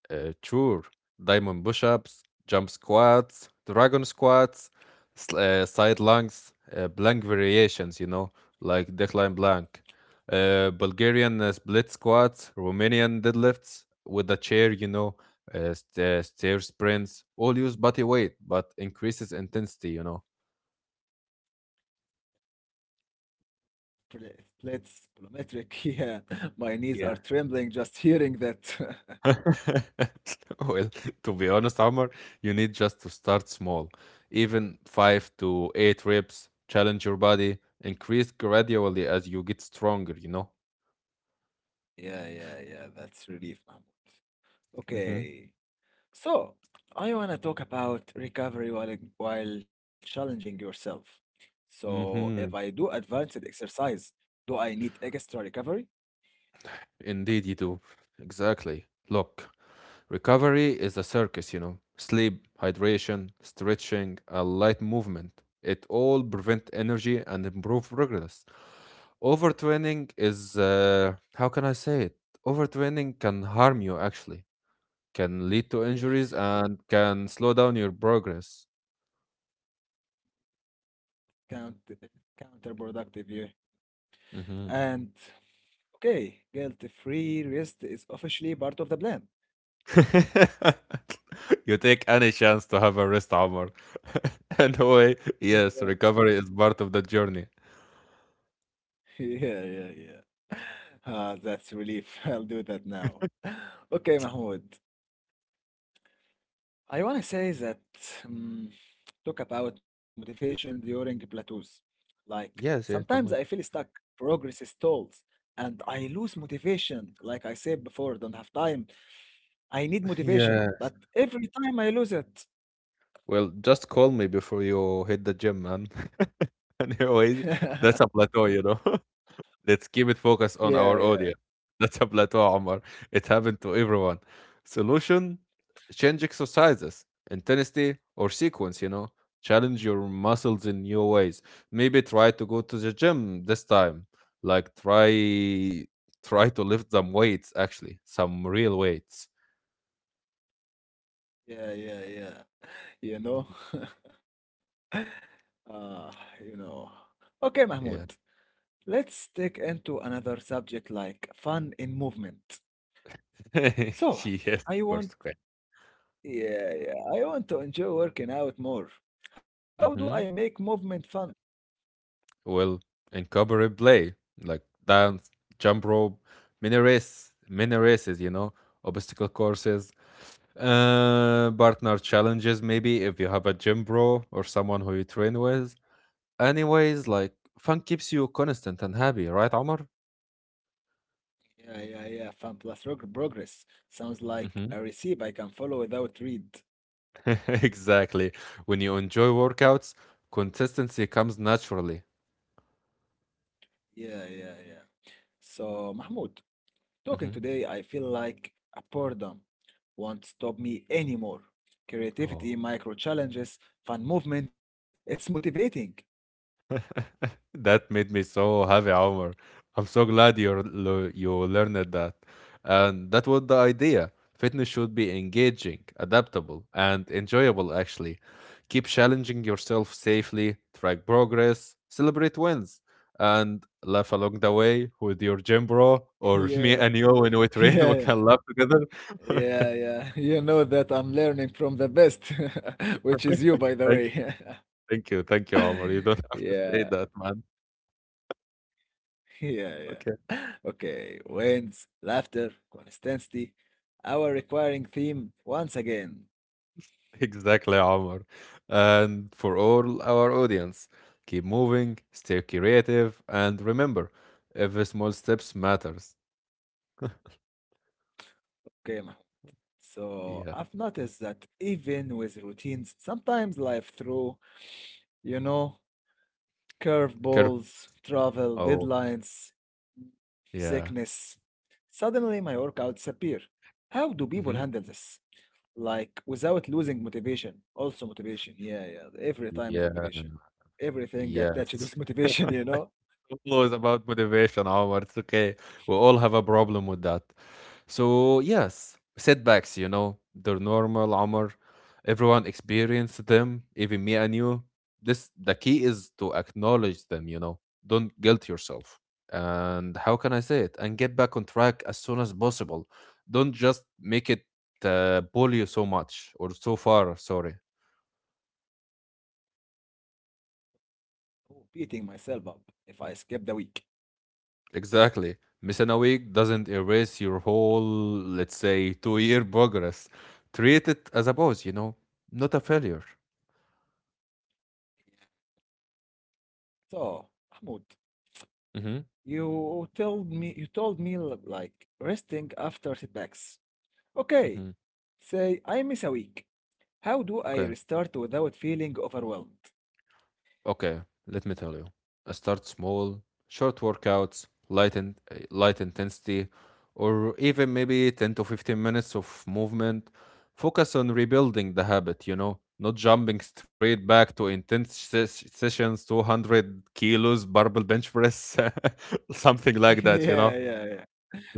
S2: Sure. Diamond push ups, jump squats, dragon squats, side lunges, plank variations, you know, like decline blank. Bulgarian split squats, Romanian deadlifts with a chair, you know, stair sprints, all use body weight, but increases intensity, you know.
S1: Pl- Plates, plyometric. Yeah, my knees are
S2: Yeah.
S1: trembling just hearing that.
S2: Well, to be honest, Omar, you need just to start small. Even five to eight reps, challenge your body, increase gradually as you get stronger, you know?
S1: Yeah, yeah, yeah. That's relief, Mahmoud.
S2: Mm-hmm.
S1: Okay. So I want to talk about recovery while challenging yourself. So if I
S2: Mm-hmm.
S1: do advanced exercise, do I need extra recovery?
S2: Indeed, you do. Exactly. Look, recovery is a circus, you know. Sleep, hydration, stretching, a light movement. It all prevent energy and improve progress. Overtraining is, how can I say it? Overtraining can harm you actually, can lead to
S1: Yeah, it
S2: injuries and can slow down your progress.
S1: count it counterproductive. Yeah.
S2: hmm
S1: And okay, guilt-free rest is officially part of the plan.
S2: you take any chance to have a rest armor. Anyway, yes, recovery is part of the journey.
S1: Yeah, yeah, yeah. Ah, that's relief. I'll do that now. Okay, Mahmoud. I want to say that um, talk about motivation during plateaus. Like
S2: Yes,
S1: sometimes
S2: yes,
S1: I
S2: I'm
S1: feel
S2: with you.
S1: stuck, progress stalls, and I lose motivation. Like I said before, don't have time. I need motivation,
S2: Yeah.
S1: but every time I lose it.
S2: Well, just call me before you hit the gym, man. Anyways,
S1: Yeah,
S2: that's a plateau, you know. Let's keep it focused on our
S1: yeah,
S2: audience. That's a plateau, Omar. It happened to everyone. Solution change exercises, intensity, or sequence, you know. Challenge your muscles in new ways. Maybe try to go to the gym this time. Like try to lift some weights actually, some real weights.
S1: yeah, yeah, yeah. You know, uh, you know. Okay,
S2: Yeah.
S1: Mahmoud. Let's take into another subject like fun in movement. So,
S2: yes, of
S1: I
S2: course.
S1: want
S2: Okay.
S1: yeah, yeah. I want to enjoy working out more. How do I
S2: Mhm.
S1: make movement fun?
S2: Well, in cabaret play, like dance, jump rope, mini races, obstacle courses, partner challenges, maybe if you have a gym bro or someone who you train with. Anyways, like fun keeps you constant and happy, right, Omar?
S1: Yeah, yeah, yeah. Fun plus rog- progress. Sounds like
S2: Hmm.
S1: a recipe I can follow without read.
S2: exactly. When you enjoy workouts, consistency comes naturally.
S1: Yeah, yeah, yeah. So, Mahmoud, talking
S2: Hmm.
S1: today, I feel like a boredom won't stop me anymore. Creativity,
S2: Oh.
S1: micro challenges, fun movement, it's motivating.
S2: That made me so happy, Omar. I'm so glad you learned that. And that was the idea. Fitness should be engaging, adaptable, and enjoyable, actually. Keep challenging yourself safely, track progress, celebrate wins, and laugh along the way with your gym bro or
S1: Yeah,
S2: me and you when we train, we
S1: yeah,
S2: can laugh together.
S1: yeah, yeah. You know that I'm learning from the best, which is you, by the
S2: Thank you,
S1: way.
S2: thank you, Omar. You don't have
S1: Yeah,
S2: to say that, man.
S1: yeah, yeah.
S2: Okay.
S1: Okay, wins, laughter, consistency, our requiring theme once again.
S2: Exactly, Omar. And for all our audience, keep moving, stay creative, and remember, every small steps matters.
S1: Okay, Mahmoud. So
S2: Yeah.
S1: I've noticed that even with routines, sometimes life through, you know,
S2: Care-
S1: curveballs, travel,
S2: oh,
S1: deadlines,
S2: yeah.
S1: sickness, suddenly my workouts appear. How do people
S2: Hmm.
S1: handle this? Like without losing motivation, also motivation, yeah, yeah, every time is
S2: Yeah.
S1: motivation, everything attached
S2: Yes.
S1: with motivation.
S2: It was about motivation, Omar. It's okay. We all have a problem with that. So, yes, setbacks, you know, they're normal, Omar. Everyone experienced them, even me and you. This the key is to acknowledge them, you know. Don't guilt yourself. And how can I say it? And get back on track as soon as possible. Don't just make it pull you so much or so far, sorry.
S1: Oh, beating myself up if I skip the week.
S2: Exactly. Missing a week doesn't erase your whole, let's say, 2 year progress. Treat it as a pause, you know, not a failure.
S1: So Mahmoud,
S2: Mm-hmm.
S1: you told me l- like resting after setbacks, okay,
S2: Mm-hmm.
S1: say I miss a week, how do I restart without feeling overwhelmed?
S2: Okay, let me tell you. I start small, short workouts, light intensity, or even maybe 10 to 15 minutes of movement. Focus on rebuilding the habit, you know, not jumping straight back to intense sessions, 200 kilos barbell bench press, something like that,
S1: Yeah,
S2: you know.
S1: yeah, yeah.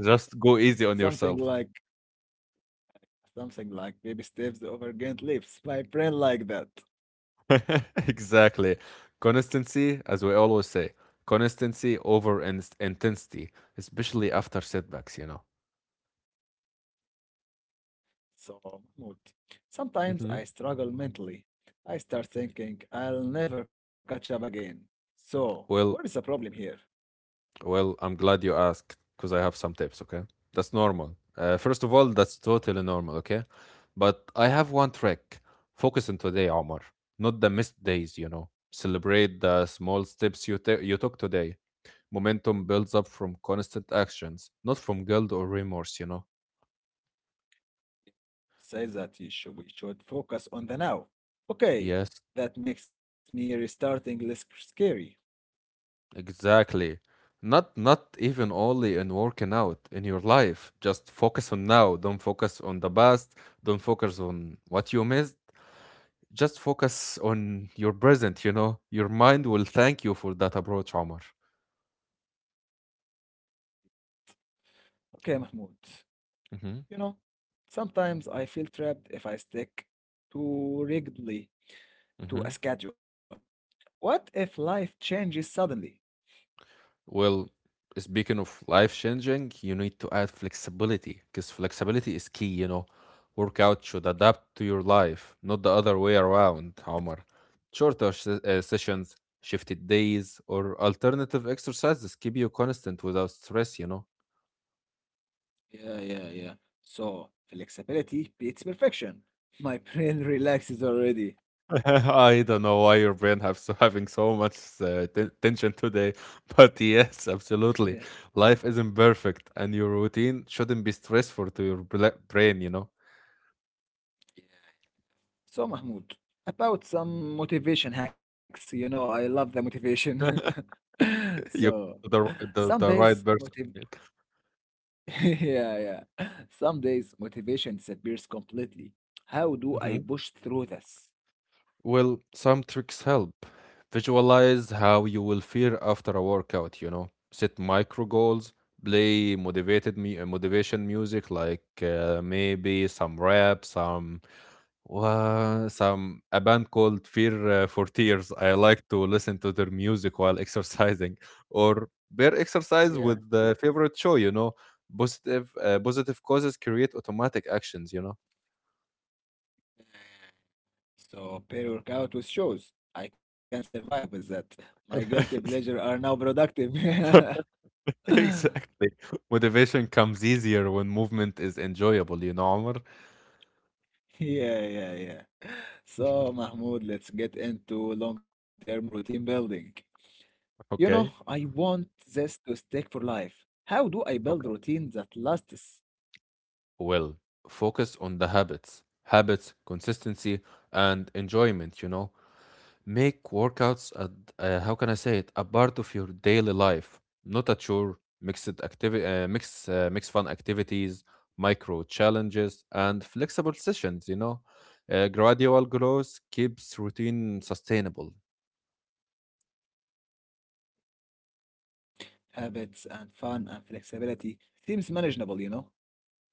S2: Just go easy on
S1: Something
S2: yourself.
S1: like baby steps over giant leaps, my brain like that.
S2: exactly. Consistency, as we always say, consistency over intensity, especially after setbacks, you know.
S1: So, Mahmoud, sometimes
S2: Hmm.
S1: I struggle mentally. I start thinking I'll never catch up again. So, what is the
S2: Well,
S1: problem here?
S2: well, I'm glad you asked because I have some tips, okay? That's normal. First of all, that's totally normal, okay? But I have one trick. Focus on today, Omar, not the missed days, you know. Celebrate the small steps you took today. Momentum builds up from constant actions, not from guilt or remorse, you know.
S1: Says that you should, we should focus on the now. Okay,
S2: Yes,
S1: that makes me restarting less scary.
S2: exactly. Not even only in working out in your life. Just focus on now. Don't focus on the past. Don't focus on what you missed. Just focus on your present, you know. Your mind will thank you for that approach, Omar.
S1: Okay, Mahmoud, you know, sometimes I feel trapped if I stick too rigidly
S2: Mm-hmm.
S1: to a schedule. What if life changes suddenly?
S2: Well, speaking of life changing, you need to add flexibility because flexibility is key, you know. Workout should adapt to your life, not the other way around, Omar. Shorter sessions, shifted days, or alternative exercises keep you constant without stress, you know.
S1: Yeah, yeah, yeah. So flexibility beats perfection. My brain relaxes already.
S2: I don't know why your brain has having so much tension today, but yes,
S1: Yeah.
S2: absolutely. Life isn't perfect, and your routine shouldn't be stressful to your brain. You know.
S1: So Mahmoud, about some motivation hacks. You know, I love the motivation.
S2: you
S1: So
S2: the
S1: some
S2: the
S1: days
S2: right
S1: motiv
S2: person.
S1: yeah, yeah. Some days motivation disappears completely. How do I
S2: Mhm.
S1: push through this?
S2: Well, some tricks help. Visualize how you will feel after a workout, you know. Set micro goals, play motivated me motivation music like maybe some rap, some a band called Fear for Tears. I like to listen to their music while exercising or pair
S1: Yeah.
S2: exercise with the favorite show, you know. Positive causes create automatic actions, you
S1: So pair workout with shows. I can survive with that. My guilty
S2: know.
S1: pleasure are now productive.
S2: Exactly. Motivation comes easier when movement is enjoyable, you know, Omar?
S1: Yeah, yeah, yeah. So, Mahmoud, let's get into long-term routine building. You know,
S2: Okay.
S1: I want this to stick for life. How do I build
S2: Okay.
S1: routine that lasts?
S2: Well, focus on the habits. Habits, consistency, and enjoyment, you know. Make workouts, how can I say it, a part of your daily life, not a chore. Mix fun activities, micro challenges, and flexible sessions, you know. Gradual growth keeps routine sustainable.
S1: Habits and fun and flexibility seems manageable, you know?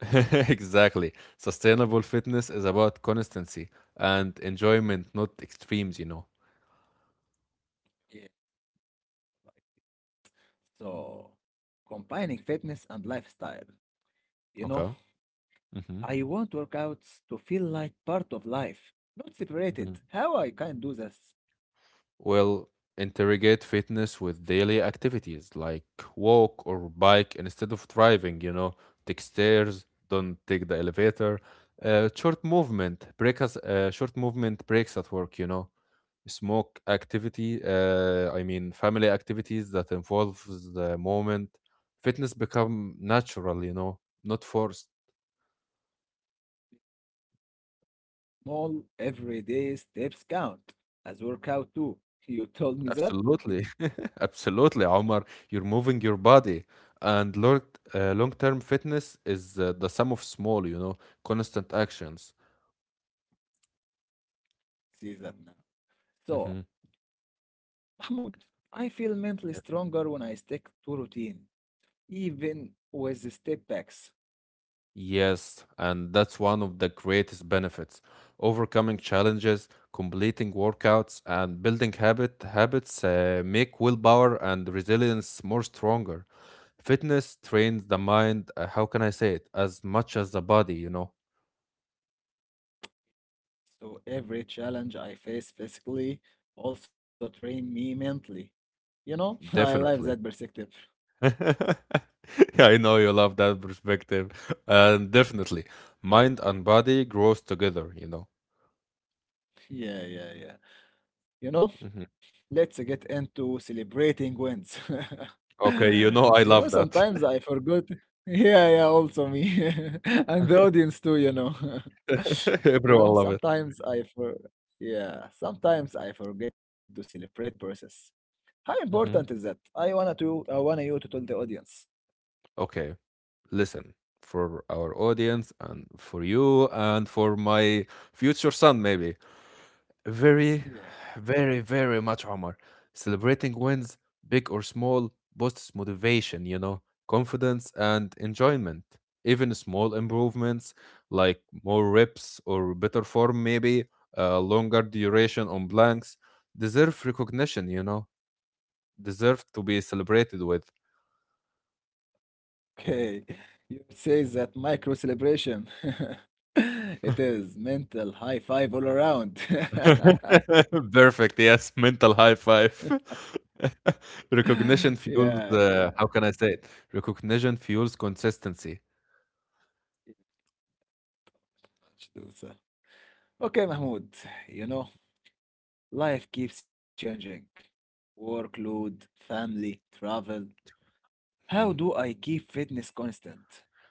S2: exactly. Sustainable fitness is about consistency and enjoyment, not extremes, you know.
S1: Yeah. So, combining fitness and lifestyle. You know,
S2: Okay. Mm-hmm.
S1: I want workouts to feel like part of life, not
S2: Hmm.
S1: separated. How I can do this?
S2: Well, interrogate fitness with daily activities like walk or bike instead of driving, you know. Take stairs, don't take the elevator. Short movement breaks at work, you know. Smoke activity, I mean Family activities that involves the moment, fitness become natural, you know, not forced.
S1: Small everyday steps count as workout too. You told me that?
S2: Absolutely. Absolutely, Omar. You're moving your body. And long-term fitness is the sum of small, you know, constant actions.
S1: See that now.
S2: Hmm.
S1: So, Mahmoud, I feel mentally stronger when I stick to routine, even with the step backs.
S2: Yes, and that's one of the greatest benefits. Overcoming challenges, completing workouts, and building habits make willpower and resilience more stronger. Fitness trains the mind, how can I say it, as much as the body, you know?
S1: So every challenge I face physically also train me mentally. You know, I love
S2: Definitely.
S1: that perspective.
S2: I know you love that perspective. And definitely, mind and body grows together, you know.
S1: Yeah, yeah, yeah. You
S2: Mhm.
S1: know, let's get into celebrating wins.
S2: Okay, you know I
S1: You know,
S2: love that.
S1: sometimes I forgot. Yeah, yeah, also me. And the audience too, you know. You
S2: Everyone
S1: know,
S2: love it.
S1: sometimes I for yeah, sometimes I forget to celebrate process. How important is
S2: Hmm.
S1: that? I wanna to I wanna you to tell the audience.
S2: Okay. Lesson for our audience and for you and for my future son, maybe. Very,
S1: Yeah.
S2: very, very much, Omar. Celebrating wins, big or small, boosts motivation, you know, confidence and enjoyment. Even small improvements like more reps or better form, maybe, longer duration on blanks, deserve recognition, you know, deserve to be celebrated with.
S1: Okay. You say that micro celebration. It is mental high five all around.
S2: Perfect. Yes, mental high five. Recognition
S1: Yeah,
S2: fuels
S1: yeah.
S2: the how can I say it? Recognition fuels consistency.
S1: Absolutely. Okay, Mahmoud, you know, life keeps changing. Workload, family, travel.
S2: Mm.
S1: How do I keep fitness constant?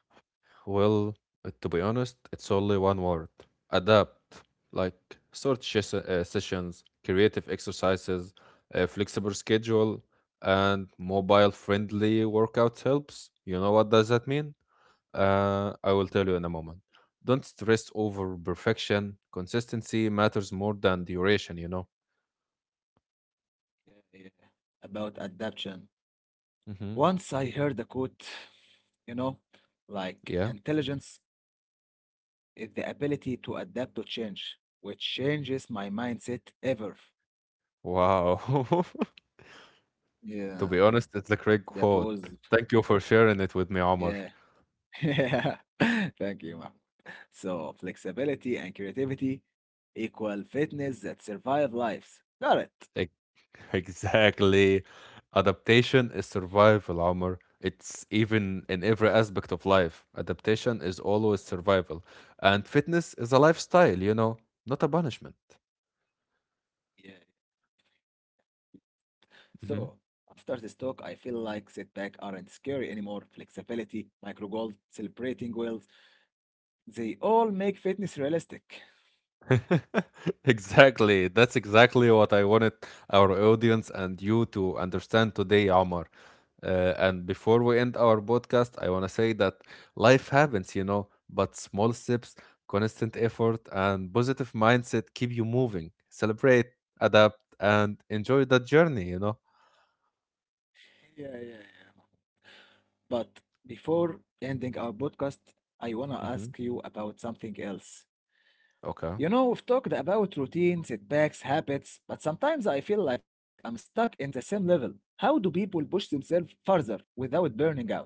S2: Well, to be honest, it's only one word adapt. Like short sessions, creative exercises, a flexible schedule, and mobile friendly workouts helps. You know what does that mean? I will tell you in a moment. Don't stress over perfection. Consistency matters more than duration, you know.
S1: Yeah, yeah. About adaptation.
S2: Mm-hmm.
S1: Once I heard the quote, you know, like
S2: Yeah.
S1: intelligence is the ability to adapt to change, which changes my mindset ever.
S2: Wow.
S1: Yeah,
S2: to be honest, it's a
S1: that
S2: great
S1: was,
S2: quote. Thank you for sharing it with me,
S1: yeah.
S2: Omar.
S1: Thank you, Mahmoud. So flexibility and creativity equal fitness that survive lives. Got it.
S2: Ex- Exactly. Adaptation is survival, Omar. It's even in every aspect of life. Adaptation is always survival. And fitness is a lifestyle, you know, not a punishment.
S1: Yeah. So
S2: Mm-hmm.
S1: after this talk, I feel like setbacks aren't scary anymore. Flexibility, micro goals, celebrating goals, they all make fitness realistic.
S2: exactly. That's exactly what I wanted our audience and you to understand today, Omar. And before we end our podcast, I want to say that life happens, you know, but small steps, constant effort, and positive mindset keep you moving. Celebrate, adapt, and enjoy the journey, you know.
S1: Yeah, yeah, yeah. But before ending our podcast, I wanna
S2: Hmm.
S1: ask you about something else.
S2: Okay.
S1: You know, we've talked about routines, setbacks, habits, but sometimes I feel like I'm stuck in the same level. How do people push themselves further without burning out?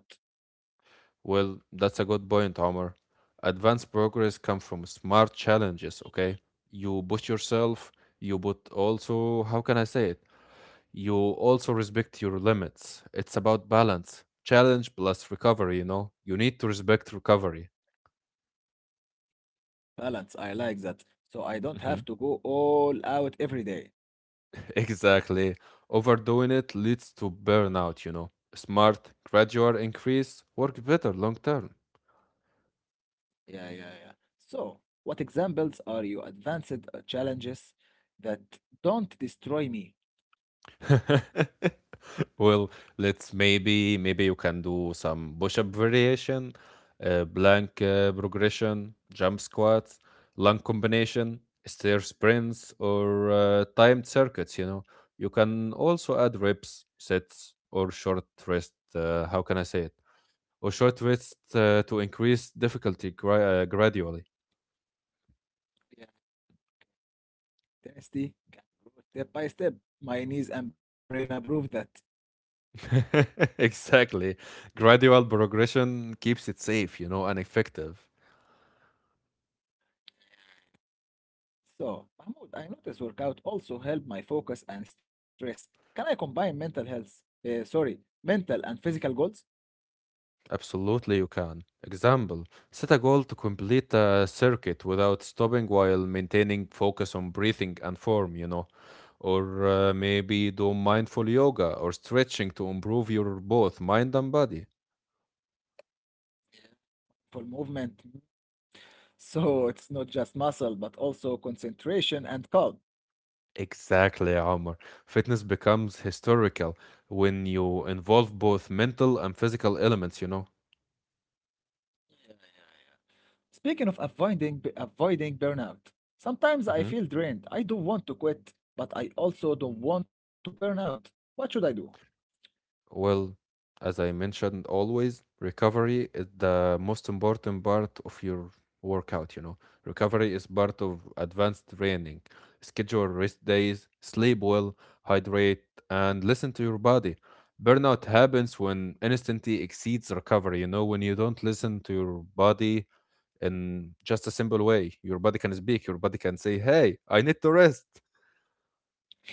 S2: Well, that's a good point, Omar. Advanced progress comes from smart challenges, okay? You push yourself, you but also, how can I say it? You also respect your limits. It's about balance. Challenge plus recovery, you know? You need to respect recovery.
S1: Balance, I like that. So I don't have
S2: Mhm.
S1: to go all out every day.
S2: Exactly. Overdoing it leads to burnout, you know? Smart, gradual increase work better long term.
S1: Yeah, yeah, yeah. So, what examples are you advanced challenges that don't destroy me?
S2: Well, let's maybe maybe you can do some push-up variation, blank progression, jump squats, lung combination, stair sprints, or timed circuits. You know, you can also add reps, sets, or short rest. How can I say it? Or short rest to increase difficulty gradually.
S1: Yeah, Dynasty can grow step by step. My knees and brain approve that.
S2: Exactly. Gradual progression keeps it safe, you know, and effective.
S1: So, Mahmoud, I noticed workout also help my focus and stress. Can I combine mental health, sorry, mental and physical goals
S2: Absolutely, you can. Example, set a goal to complete a circuit without stopping while maintaining focus on breathing and form, you know. Or maybe do mindful yoga or stretching to improve your both mind and body.
S1: for movement? So it's not just muscle, but also concentration and calm.
S2: Exactly, Omar. Fitness becomes historical when you involve both mental and physical elements, you know.
S1: Speaking of avoiding b- avoiding burnout, sometimes I
S2: Mhm.
S1: feel drained. I don't want to quit, but I also don't want to burn out. What should I do?
S2: Well, as I mentioned always, recovery is the most important part of your workout, you know. Recovery is part of advanced training. Schedule rest days, sleep well, hydrate, and listen to your body. Burnout happens when instantly exceeds recovery, you know, when you don't listen to your body in just a simple way. Your body can speak, your body can say, "Hey, I need to rest."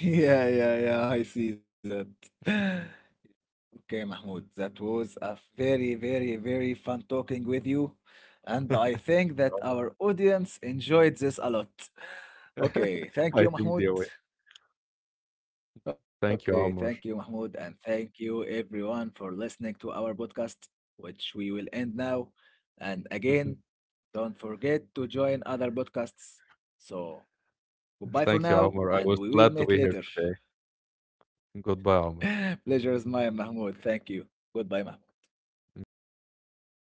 S1: Yeah, yeah, yeah, I see that. Okay, Mahmoud, that was a very, very, very fun talking with you. And
S2: Thank
S1: I think that
S2: you,
S1: our audience enjoyed this a lot.
S2: Omar.
S1: Okay, thank
S2: I
S1: you,
S2: think they
S1: Mahmoud.
S2: way.
S1: Okay,
S2: Thank you,
S1: thank you,
S2: Omar.
S1: Mahmoud. And thank you, everyone, for listening to our podcast, which we will end now. And again, don't forget to join other podcasts. So, goodbye
S2: Thank
S1: for
S2: you, Omar.
S1: now,
S2: I was
S1: and we
S2: glad to
S1: will
S2: be here
S1: meet later.
S2: today. Goodbye, Omar.
S1: Pleasure is mine, Mahmoud. Thank you. Goodbye, Mahmoud.
S2: Goodbye, Omar.